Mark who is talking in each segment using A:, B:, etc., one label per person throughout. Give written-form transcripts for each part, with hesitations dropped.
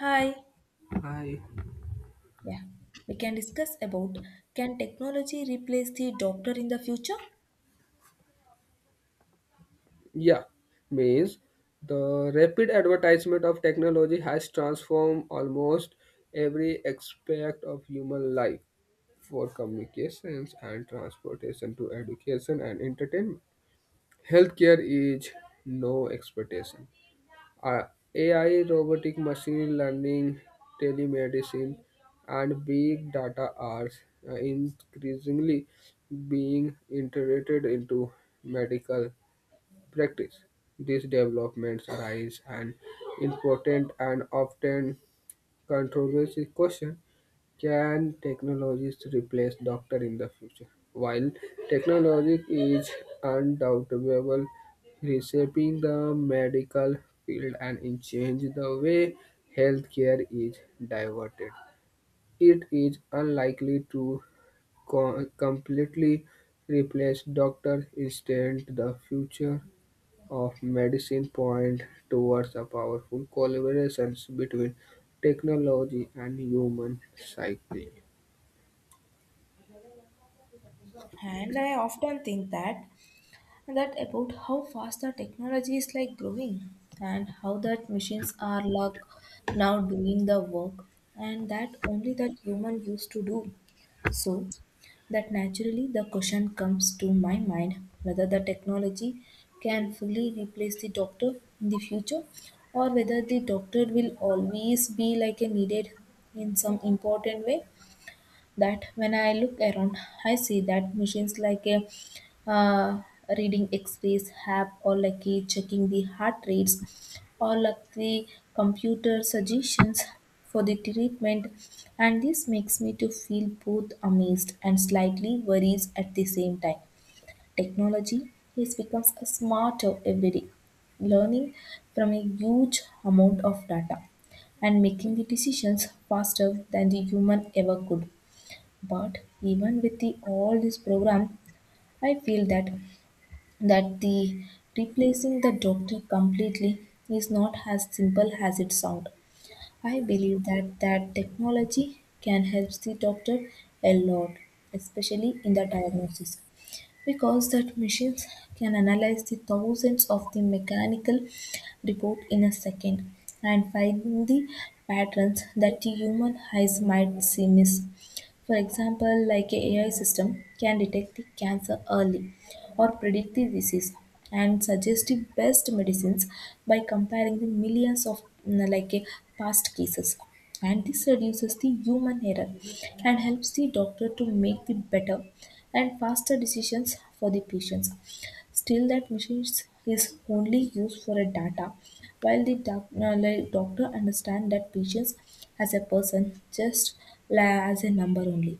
A: Hi.
B: Hi.
A: Yeah. We can discuss about, can technology replace the doctor in the future?
B: Yeah, means the rapid advertisement of technology has transformed almost every aspect of human life, for communications and transportation to education and entertainment. Healthcare is no expectation. Uh, AI, robotic machine learning, telemedicine, and big data are increasingly being integrated into medical practice. These developments raise an important and often controversial question, can technologies replace doctor in the future, while technology is undoubtable reshaping the medical field and in change the way healthcare is diverted. It is unlikely to completely replace doctors. Instead, the future of medicine point towards a powerful collaborations between technology and human psyche.
A: And I often think that about how fast the technology is like growing, and how that machines are like now doing the work, and that only that human used to do. So that naturally the question comes to my mind, whether the technology can fully replace the doctor in the future, or whether the doctor will always be like a needed in some important way. That when I look around, I see that machines like a uh, reading X-rays app, or like a checking the heart rates, or like the computer suggestions for the treatment, and this makes me to feel both amazed and slightly worries at the same time. Technology is becomes a smarter every day, learning from a huge amount of data and making the decisions faster than the human ever could. But even with the, all this program, I feel that the replacing the doctor completely is not as simple as it sounds. I believe that technology can help the doctor a lot, especially in the diagnosis, because that machines can analyze the thousands of the mechanical report in a second, and find the patterns that the human eyes might see miss. For example, like a AI system can detect the cancer early, or predict the disease and suggest the best medicines by comparing the millions of like a past cases. And this reduces the human error and helps the doctor to make the better and faster decisions for the patients. Still, that machine is only used for a data, while the like doctor understand that patients as a person, just as a number only.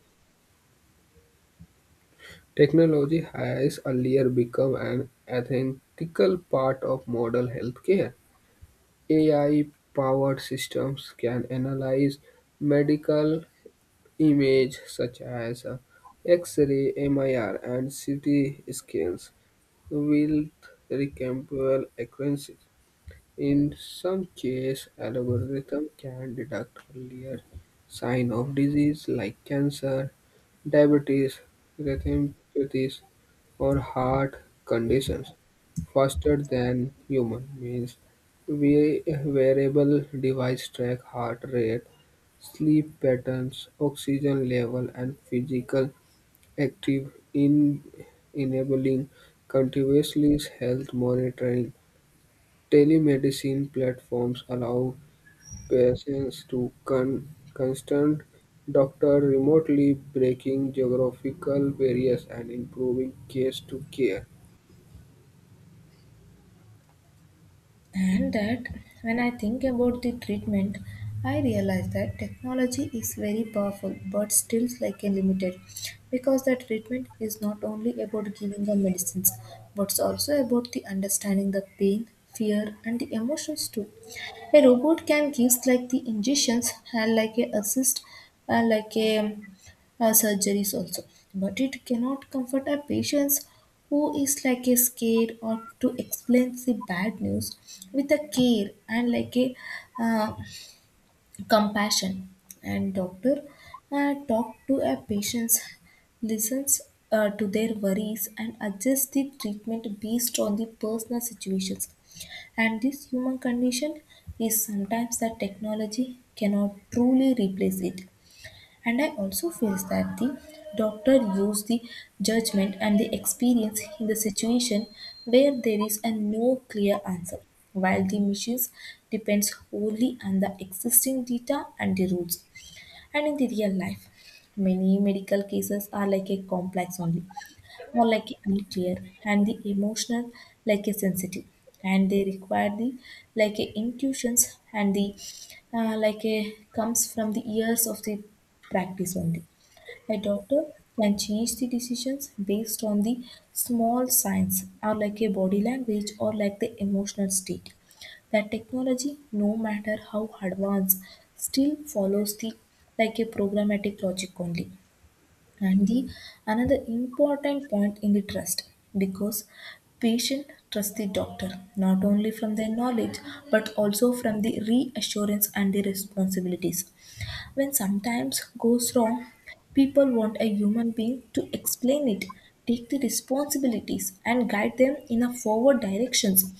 B: Technology has earlier become an ethical part of modern healthcare. AI-powered systems can analyze medical images such as X-ray, MRI, and CT scans with remarkable accuracy. In some cases, algorithm can detect earlier sign of disease like cancer, diabetes, retinopathies, or heart conditions faster than human means. We wearable device track heart rate, sleep patterns, oxygen level, and physical active in enabling continuously health monitoring. Telemedicine platforms allow patients to consult doctors remotely, breaking geographical barriers and improving case-to-care.
A: And that when I think about the treatment, I realize that technology is very powerful but still like a limited, because the treatment is not only about giving the medicines, but it's also about the understanding the pain, fear and the emotions too. A robot can give like the injections and like a assist uh, like a, surgeries also, but it cannot comfort a patients who is like a scared, or to explain the bad news with a care and like a uh, compassion. And doctor talk to a patient's, listens to their worries and adjust the treatment based on the personal situations, and this human condition is sometimes that technology cannot truly replace it. And I also feel that the doctor used the judgment and the experience in the situation where there is a no clear answer, while the machines depends wholly on the existing data and the rules. And in the real life, many medical cases are like a complex only, or like unclear and the emotional, like a sensitive, and they require the like a intuitions and the like a comes from the years of the practice only. A doctor can change the decisions based on the small signs, or like a body language, or like the emotional state, that technology no matter how advanced still follows the like a programmatic logic only. And the another important point in the trust, because patient trust the doctor not only from their knowledge, but also from the reassurance and the responsibilities. When sometimes goes wrong, people want a human being to explain it, take the responsibilities, and guide them in a forward directions.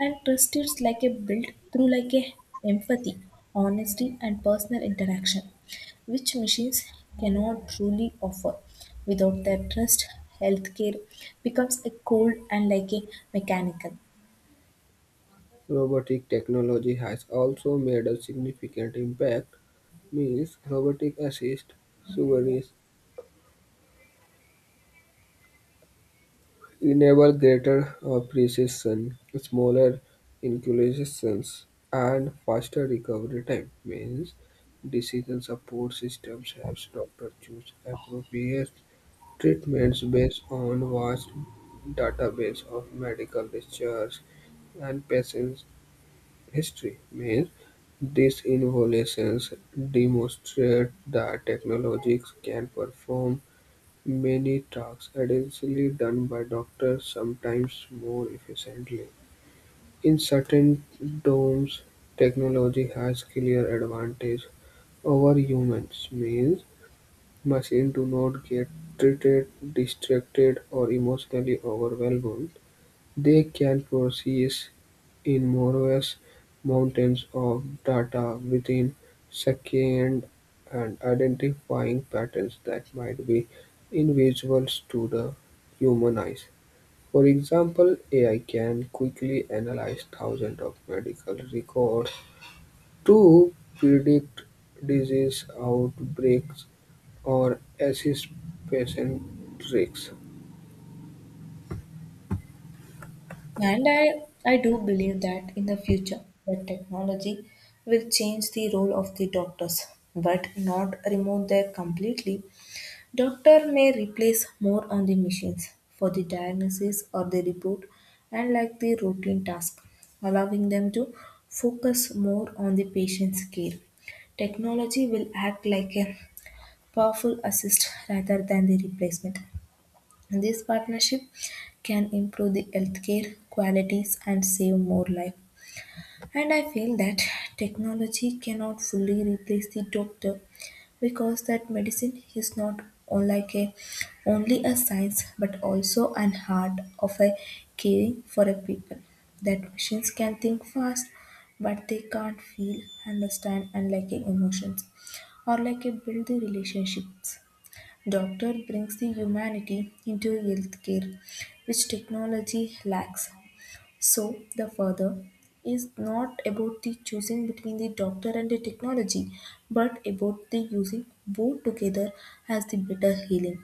A: And trust is like a built through like a empathy, honesty, and personal interaction, which machines cannot truly offer. Without their trust, healthcare becomes a cold and like a mechanical.
B: Robotic technology has also made a significant impact, means robotic assist surgeries enable greater precision, smaller inoculations, and faster recovery time. Means decision support systems helps doctor choose appropriate treatments based on vast database of medical research and patient's history. Means these innovations demonstrate that technologies can perform many tasks additionally done by doctors, sometimes more efficiently. In certain domains, technology has clear advantage over humans, means machines do not get irritated, distracted, or emotionally overwhelmed. They can process in Moravian mountains of data within sections and identifying patterns that might be invisible to the human eyes. For example, AI can quickly analyze thousands of medical records to predict disease outbreaks or assist patient risks.
A: And I do believe that in the future, the technology will change the role of the doctors, but not remove them completely. Doctor may replace more on the machines for the diagnosis or the report and like the routine task, allowing them to focus more on the patient's care. Technology will act like a powerful assist rather than the replacement. This partnership can improve the healthcare qualities and save more life. And I feel that technology cannot fully replace the doctor, because that medicine is not like a only a science but also an art of a caring for a people. That machines can think fast, but they can't feel, understand and like a emotions, or like a build the relationships. Doctor brings the humanity into healthcare, which technology lacks. So the further is not about the choosing between the doctor and the technology, but about the using both together as the better healing.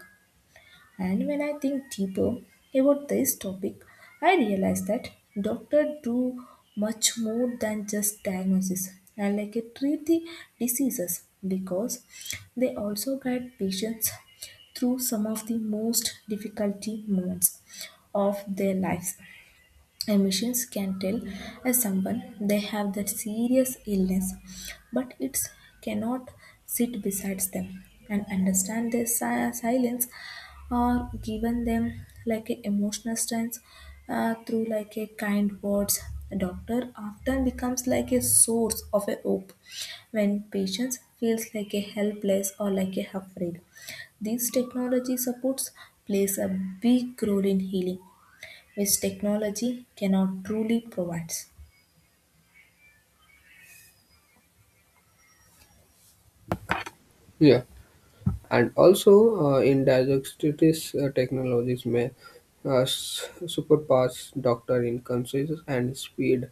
A: And when I think deeper about this topic, I realize that doctors do much more than just diagnosis and like a treat the diseases, because they also guide patients through some of the most difficult moments of their lives. Emissions can tell as someone they have that serious illness, but it cannot sit beside them and understand their silence, or given them like a emotional strength through like a kind words. A doctor often becomes like a source of a hope when patients feels like a helpless or like a afraid. These technology supports plays a big role in healing, which technology cannot truly provide.
B: Yeah. And also, in diagnostics technologies may superpass doctor in consensus and speed,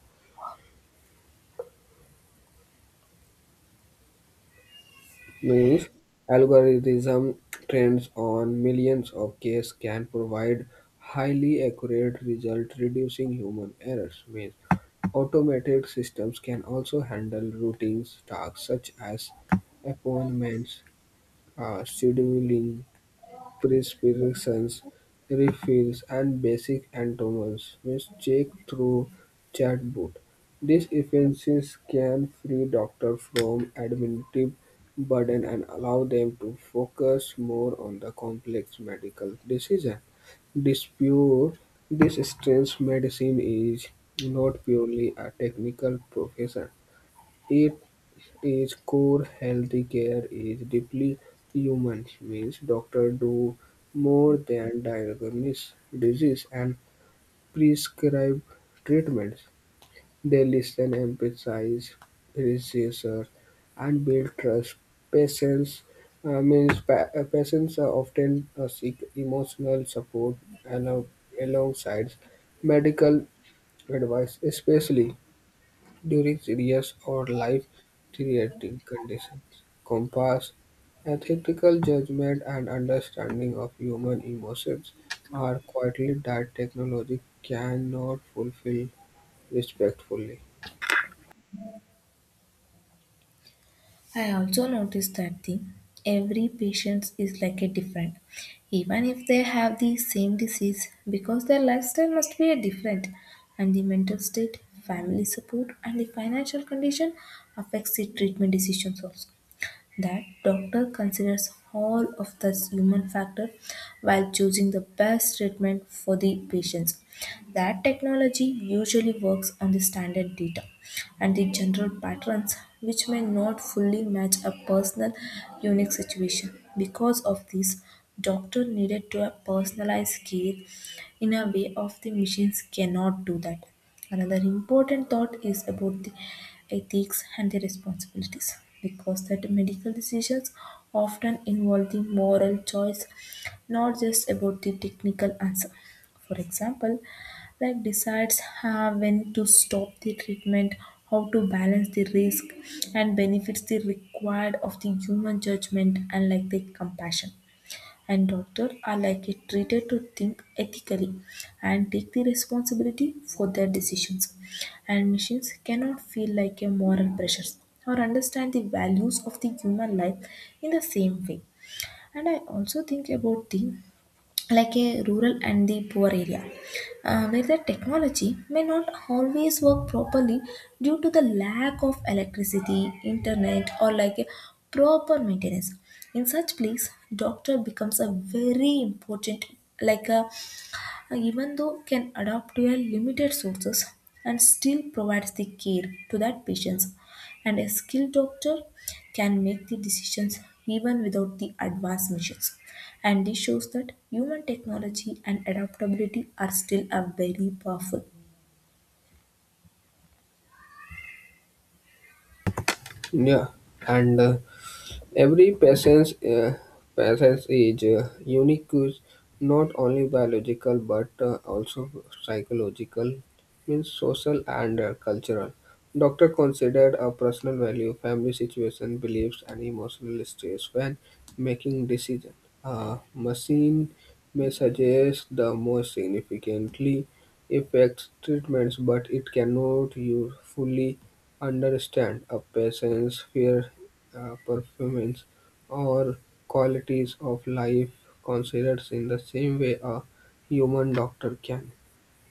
B: means algorithm trends on millions of cases can provide highly accurate result reducing human errors, means automated systems can also handle routine tasks such as appointments, scheduling, prescriptions, refills, and basic anatomies which check through chatbot. These efficiencies can free doctors from administrative burden and allow them to focus more on the complex medical decision. Dispute this strange, medicine is not purely a technical profession. Its core healthy care is deeply human, means doctors do more than diagnose disease and prescribe treatments. They listen, empathize, research, and build trust. Patients patients are often seek emotional support along alongside medical advice, especially during serious or life-threatening conditions, compass, ethical judgment, and understanding of human emotions are quietly that technology cannot fulfill respectfully.
A: I also noticed that the every patient is like a different, even if they have the same disease, because their lifestyle must be a different, and the mental state, family support, and the financial condition affects the treatment decisions also. That doctor considers all of the human factor while choosing the best treatment for the patients. That technology usually works on the standard data and the general patterns, which may not fully match a personal unique situation. Because of this, doctor needed to have personalized care in a way of the machines cannot do that. Another important thought is about the ethics and the responsibilities, because that medical decisions often involve the moral choice, not just about the technical answer. For example, like decides when to stop the treatment, how to balance the risk and benefits, the required of the human judgment and like the compassion. And doctors are likely treated to think ethically and take the responsibility for their decisions. And machines cannot feel like a moral pressure, or understand the values of the human life in the same way. And I also think about the like a rural and the poor area, where the technology may not always work properly due to the lack of electricity, internet, or like a proper maintenance. In such place doctor becomes a very important, like a even though can adapt to a limited sources and still provides the care to that patients. And a skilled doctor can make the decisions even without the advanced machines, and this shows that human technology and adaptability are still a very powerful.
B: Yeah. And every patient is unique, is not only biological but also psychological, means social and cultural. Doctor considered a personal value, family situation, beliefs, and emotional states when making decision. A machine may suggest the most significantly affects treatments, but it cannot use fully understand a person's fear, performance, or qualities of life considers in the same way a human doctor can.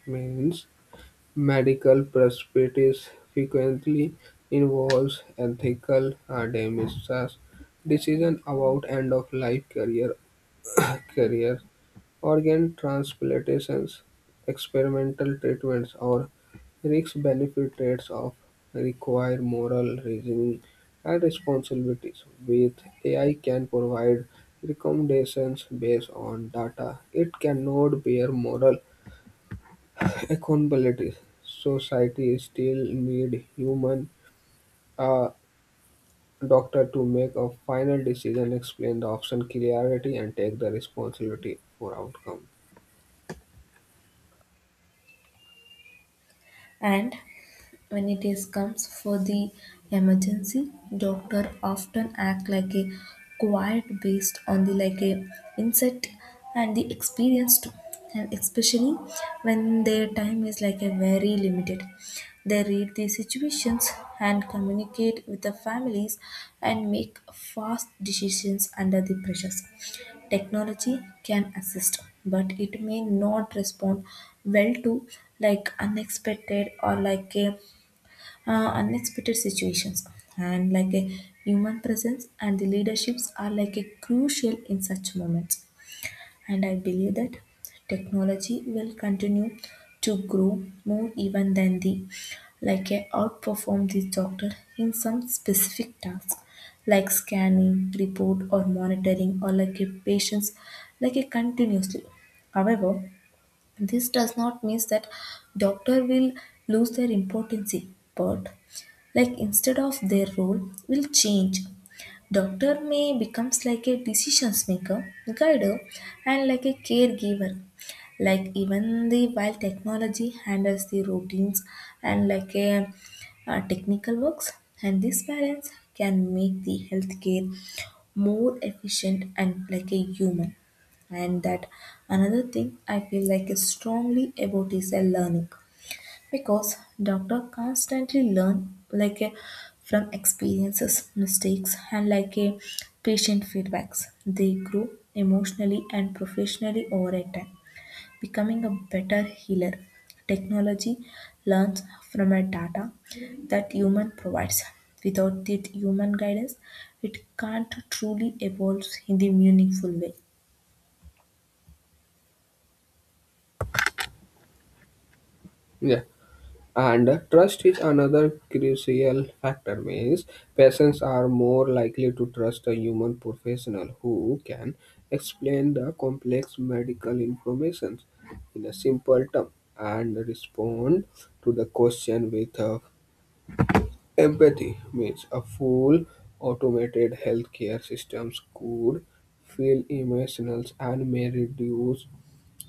B: Means medical perspectives frequently involves ethical decisions, decision about end of life career career organ transplantations, experimental treatments, or risk-benefit trades off require moral reasoning and responsibilities, with AI can provide recommendations based on data. It cannot bear moral accountability. Society still need human uh, doctor to make a final decision, explain the option clarity, and take the responsibility for outcome.
A: And when it is comes for the emergency, doctor often act like a quiet based on the like a insight and the experience too. And especially when their time is like a very limited. They read the situations and communicate with the families and make fast decisions under the pressures. Technology can assist, but it may not respond well to like unexpected, or like a unexpected situations. And like a human presence and the leaderships are like a crucial in such moments. And I believe that technology will continue to grow more even than the like a outperform the doctor in some specific tasks, like scanning report or monitoring or like a patients like a continuously. However, this does not mean that doctor will lose their importance, but like instead of their role will change. Doctor may becomes like a decisions maker, guider, and like a caregiver, like even the while technology handles the routines and technical works. And this balance can make the healthcare more efficient and like a human. And that another thing I feel like is strongly about is a learning, because doctor constantly learn like a, from experiences, mistakes, and like a patient feedbacks. They grow emotionally and professionally over a time, becoming a better healer. Technology learns from a data that human provides. Without the human guidance, it can't truly evolve in the meaningful way.
B: Yeah. And trust is another crucial factor, means patients are more likely to trust a human professional who can explain the complex medical information in a simple term and respond to the question with empathy, means a full automated healthcare systems could feel emotional and may reduce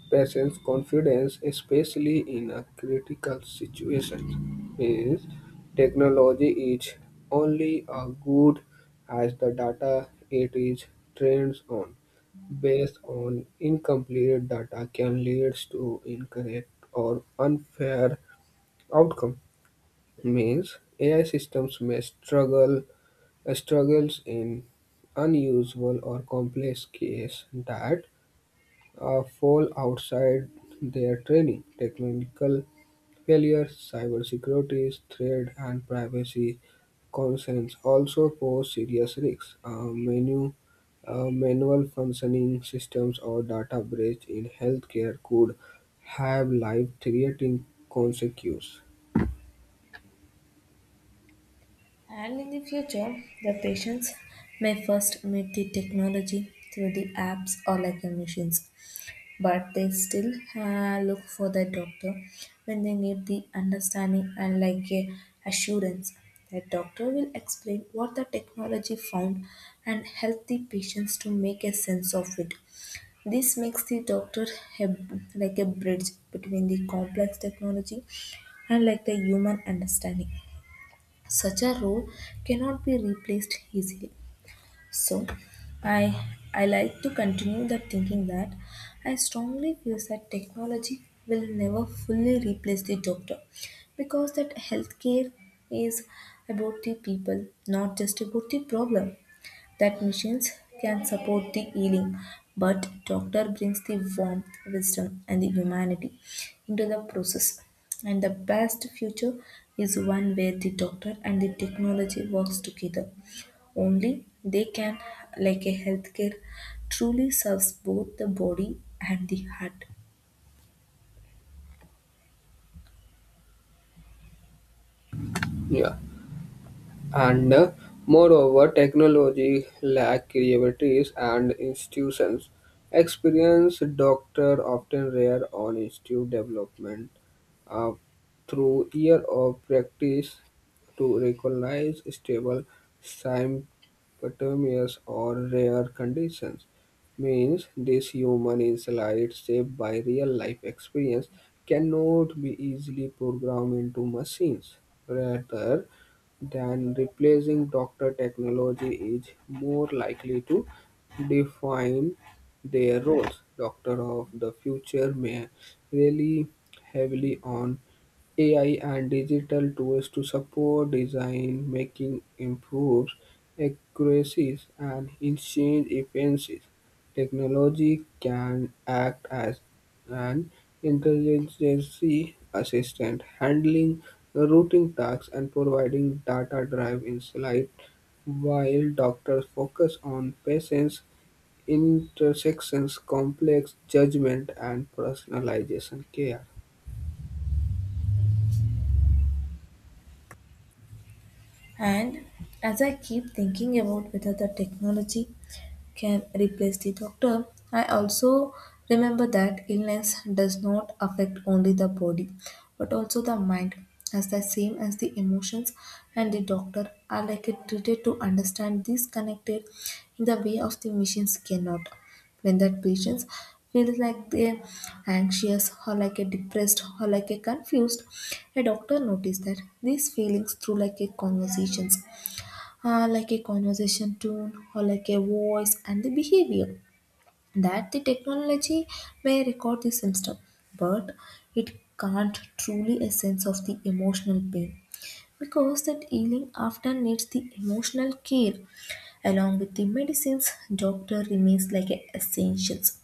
B: patients' confidence, especially in a critical situation, is technology is only as good as the data it is trained on. Based on incomplete data can lead to incorrect or unfair outcome. Means AI systems may struggle struggles in unusual or complex case that fall outside their training. Technical failures, cybersecurity threat, and privacy concerns also pose serious risks. Manual functioning systems or data breach in healthcare could have life-threatening consequences.
A: And in the future, the patients may first meet the technology through the apps or like the machines, but they still look for the doctor when they need the understanding and like a assurance. The doctor will explain what the technology found, and help the patients to make a sense of it. This makes the doctor a, like a bridge between the complex technology and like the human understanding. Such a role cannot be replaced easily. So, I like to continue the thinking that I strongly feel that technology will never fully replace the doctor, because that healthcare is about the people, not just about the problem. That machines can support the healing, but doctor brings the warmth, wisdom, and the humanity into the process. And the best future is one where the doctor and the technology works together. Only they can, like a healthcare, truly serves both the body and the heart.
B: Yeah. And Moreover, technology lack creativities and institutions. Experienced doctor often rare on institute development uh, through year of practice to recognize stable symptoms or rare conditions, means this human insight shaped by real life experience cannot be easily programmed into machines. Rather than replacing doctor, technology is more likely to define their roles. Doctor of the future may rely heavily on AI and digital tools to support design making improves accuracies and exchange efficiencies. Technology can act as an intelligence assistant, handling routine tasks and providing data-driven insight, while doctors focus on patients' intersections, complex judgment, and personalization care.
A: And as I keep thinking about whether the technology can replace the doctor, I also remember that illness does not affect only the body but also the mind, as the same as the emotions. And the doctor are like a treated to understand these connected in the way of the machines cannot. When that patients feels like they're anxious or like a depressed or like a confused, a doctor noticed that these feelings through like a conversations, like a conversation tone or like a voice and the behavior, that the technology may record the symptom, but it can't truly a sense of the emotional pain, because that healing often needs the emotional care along with the medicines. Doctor remains like a essentials.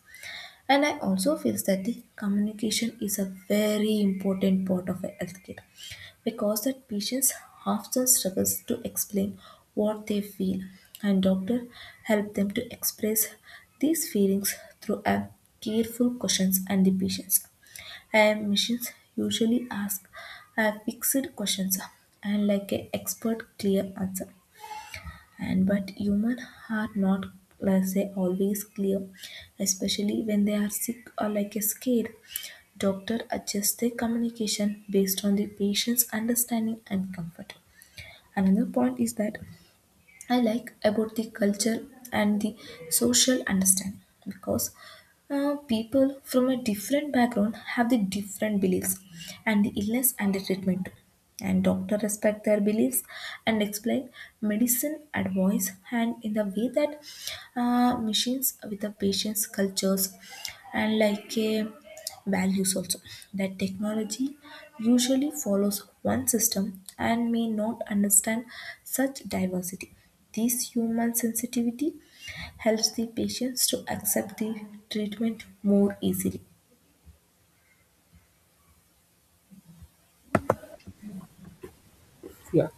A: And I also feel that the communication is a very important part of a healthcare, because that patients often struggles to explain what they feel, and doctor help them to express these feelings through a careful questions and the patients. And machines usually ask a fixed questions and like a expert clear answer, and but human are not like say always clear, especially when they are sick or like a scared. Doctor adjust their communication based on the patient's understanding and comfort. Another point is that I like about the culture and the social understanding, because people from a different background have the different beliefs and the illness and the treatment too. And doctor respect their beliefs and explain medicine advice and in the way that machines with the patient's cultures and like a values also, that technology usually follows one system and may not understand such diversity. This human sensitivity helps the patients to accept the treatment more easily.
B: Yeah,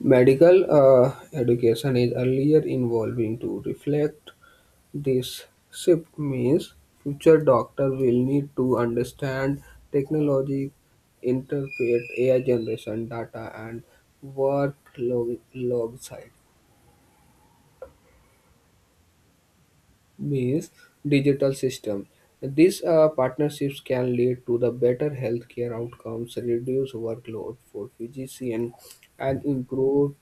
B: medical education is earlier involving to reflect this shift, means future doctor will need to understand technology, interpret AI generation data and alongside means digital system. These partnerships can lead to the better healthcare outcomes, reduce workload for physician, and improve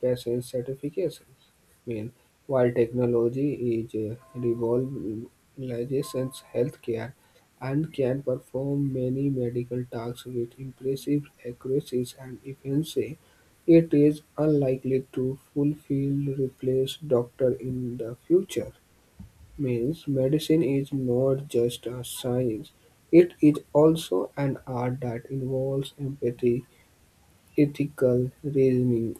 B: passage certifications. I mean, while technology is revolutionizes healthcare and can perform many medical tasks with impressive accuracy and efficiency, it is unlikely to fulfill replace doctor in the future. Means medicine is not just a science; it is also an art that involves empathy, ethical reasoning,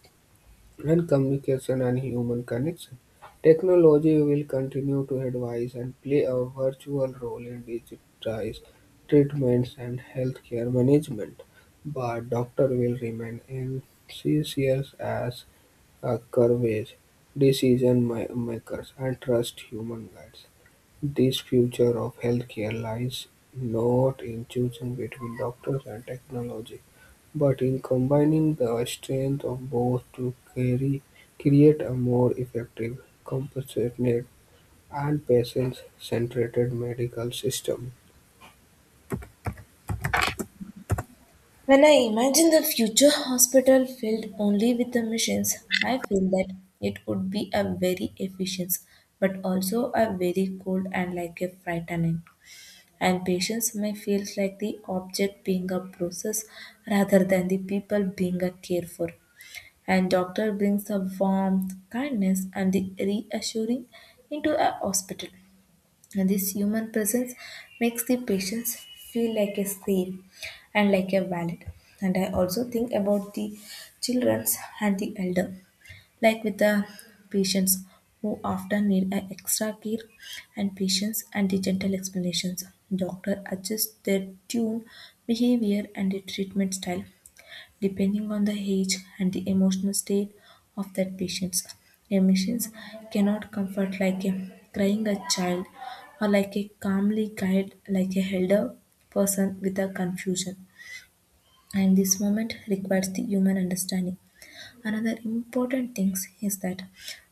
B: and communication and human connection. Technology will continue to advise and play a virtual role in digitized treatments and healthcare management, but doctor will remain essential as a courage makers and trust human guides. This future of healthcare lies not in choosing between doctors and technology, but in combining the strength of both to carry, create a more effective, compassionate, and patient-centered medical system.
A: When I imagine the future hospital filled only with the machines, I feel that it would be a very efficient but also a very cold and like a frightening. And patience may feel like the object being a process rather than the people being a care for. And doctor brings a warmth, kindness, and the reassuring into a hospital. And this human presence makes the patients feel like a safe and like a valid. And I also think about the children and the elder, like with the patients who often need a extra care and patience and the gentle explanations. Doctor adjust their tune, behavior and the treatment style depending on the age and the emotional state of that patients. Emotions cannot comfort like a crying a child or like a calmly guide like a elder person with a confusion. And this moment requires the human understanding. Another important thing is that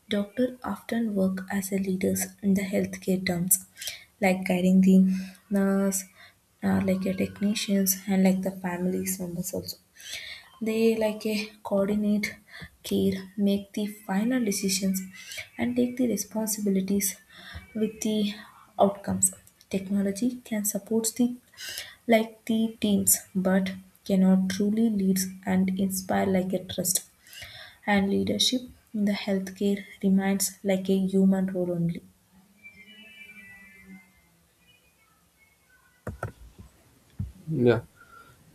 A: doctors often work as a leaders in the healthcare terms, like guiding the nurse, like a technicians, and like the families members also. They like a coordinate care, make the final decisions, and take the responsibilities with the outcomes. Technology can support the like the teams, but cannot truly lead and inspire like a trust, and leadership in the healthcare remains like a human role only.
B: Yeah.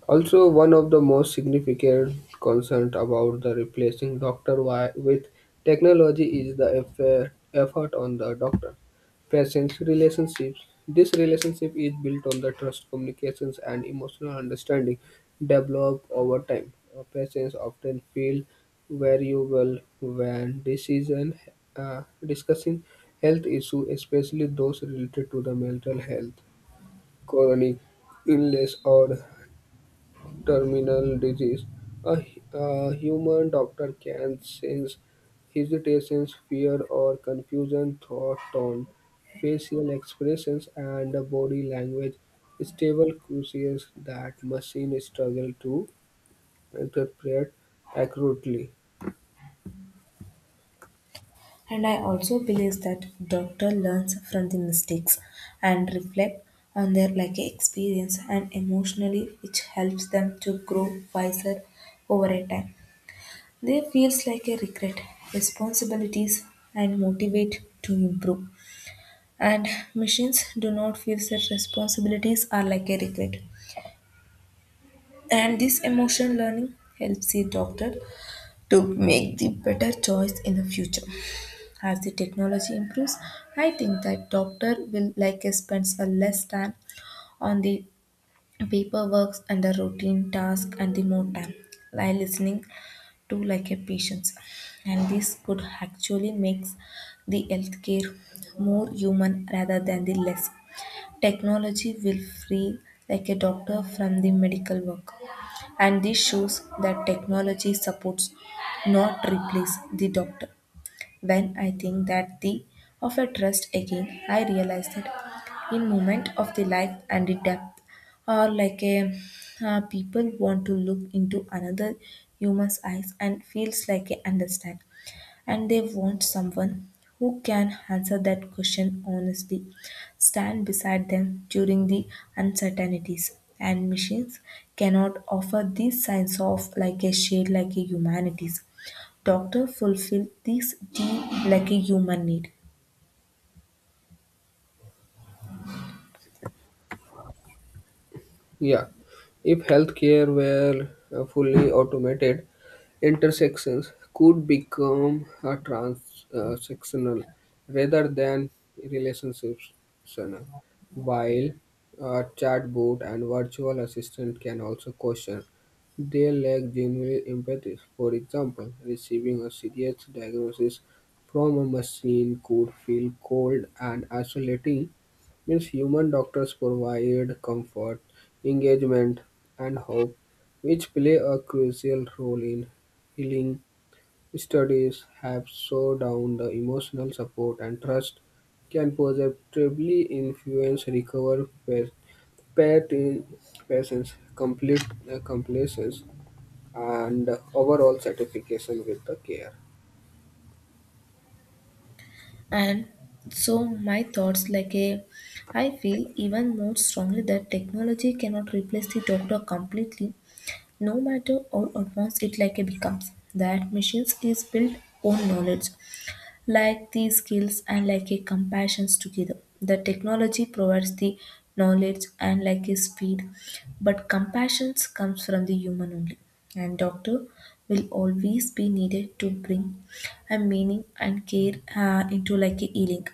B: Also, one of the most significant concerns about the replacing doctor with technology is the effort on the doctor patient's relationships. This relationship is built on the trust, communications, and emotional understanding developed over time. Patients often feel valuable when decision discussing health issues, especially those related to the mental health, chronic illness, or terminal disease, a a human doctor can sense hesitation, fear, or confusion thought tone, facial expressions, and body language. Stable cues that machine struggle to interpret accurately.
A: And I also believe that doctor learns from the mistakes and reflect on their like a experience and emotionally, which helps them to grow wiser over a time. They feels like a regret, responsibilities and motivate to improve. And machines do not feel that responsibilities are like a regret. And this emotional learning helps the doctor to make the better choice in the future. As the technology improves, I think that doctor will likely spend a less time on the paperwork and the routine task, and the more time by listening to like a patients. And this could actually makes the healthcare more human rather than the less. Technology will free like a doctor from the medical work, and this shows that technology supports, not replace, the doctor. When I think that the of a trust again, I realize that in moment of the life and the depth, or like a people want to look into another human's eyes and feels like a understand. And they want someone who can answer that question honestly, stand beside them during the uncertainties. And machines cannot offer these signs of like a shade, like a humanities. Doctor fulfill this deep like a human need.
B: Yeah, if healthcare were fully automated, intersections could become a transactional rather than relationship relationships. While a chatbot and virtual assistant can also question, they lack genuine empathy. For example, receiving a serious diagnosis from a machine could feel cold and isolating, means human doctors provide comfort engagement, and hope, which play a crucial role in healing. Studies have shown down the emotional support and trust can positively influence recovery pati- patients' complete compliance and overall satisfaction with the care.
A: And so my thoughts like a I feel even more strongly that technology cannot replace the doctor completely. No matter how advanced it like it becomes, that machines is built on knowledge, like the skills and like a compassions together. The technology provides the knowledge and like a speed, but compassions comes from the human only. And doctor will always be needed to bring a meaning and care into like a healing.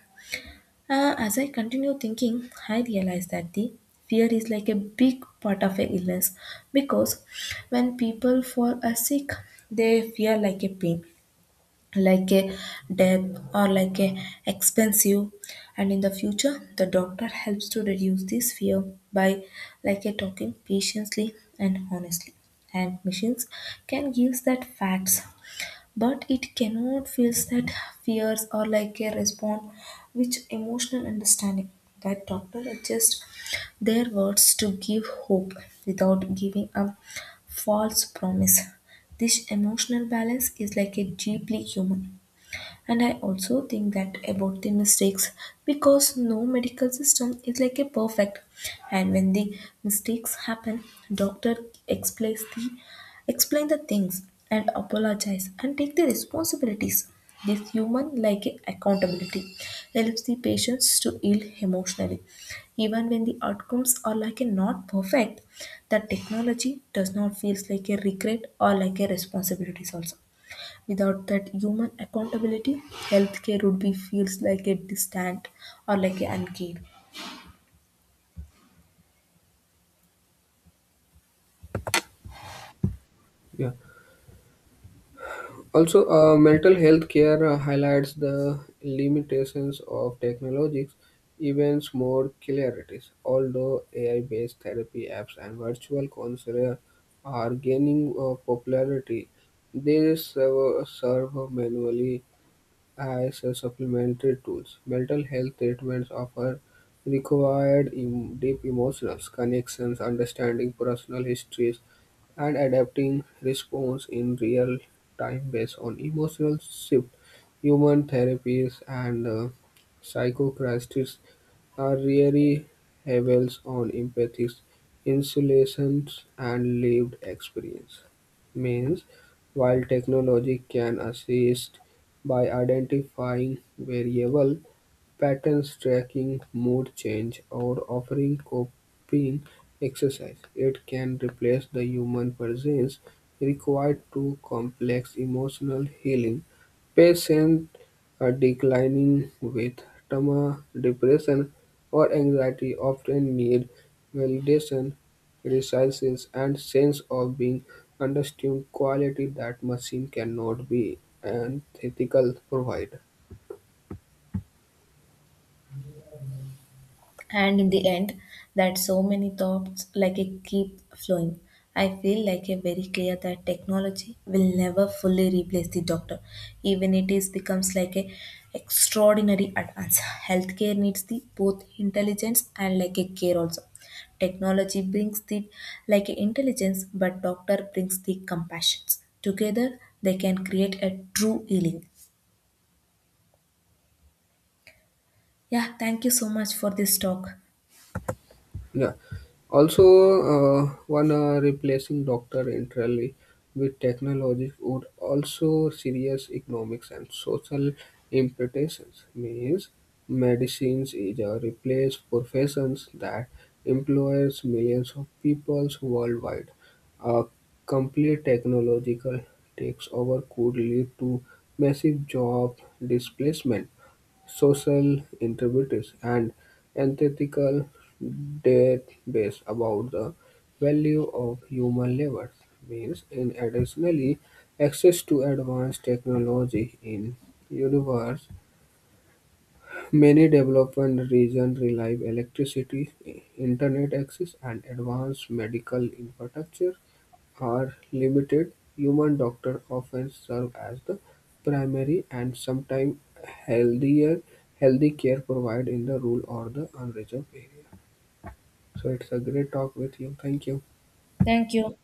A: As I continue thinking, I realize that the fear is like a big part of a illness, because when people fall are sick, they fear like a pain, like a death, or like a expensive. And in the future, the doctor helps to reduce this fear by like a talking patiently and honestly. And machines can give that facts, but it cannot feel that fears are like a response, which emotional understanding that doctor adjust their words to give hope without giving a false promise. This emotional balance is like a deeply human. And I also think that about the mistakes, because no medical system is like a perfect, and when the mistakes happen, doctor explains the explain the things and apologize and take the responsibilities. This human like accountability helps the patients to heal emotionally, even when the outcomes are like a not perfect. The technology does not feels like a regret or like a responsibilities also. Without that human accountability, healthcare would be feels like a distant or like an uncared.
B: Yeah. Also, mental health care highlights the limitations of technologies, events more clarity. Although AI-based therapy apps and virtual counselors are gaining popularity, they serve manually as a supplementary tools. Mental health treatments offer required deep emotional connections, understanding personal histories, and adapting response in real time based on emotional shift. Human therapies and psychotherapists are really heavels on empathy, insulations, and lived experience. Means, while technology can assist by identifying variable patterns, tracking mood change, or offering coping exercise, it can replace the human presence required to complex emotional healing. Patients are declining with trauma, depression, or anxiety often need validation resilience, and sense of being understood, quality that machine cannot be and ethical provide.
A: And in the end, that so many thoughts like a keep flowing, I feel like a very clear that technology will never fully replace the doctor, even it is becomes like a extraordinary advance. Healthcare needs the both intelligence and like a care also. Technology brings the like a intelligence, but doctor brings the compassions. Together they can create a true healing. Yeah, thank you so much for this talk.
B: Yeah. Also, one replacing doctor entirely with technology would also serious economics and social implications. Means medicines is a replaced professions that employs millions of peoples worldwide. A complete technological takes over could lead to massive job displacement social interpreters and ethical debates about the value of human labor, means in additionally access to advanced technology in universe. Many developing regions rely on electricity, internet access, and advanced medical infrastructure are limited. Human doctors often serve as the primary and sometimes healthier healthy care provided in the rural or the unreserved area. So it's a great talk with you. Thank you.
A: Thank you.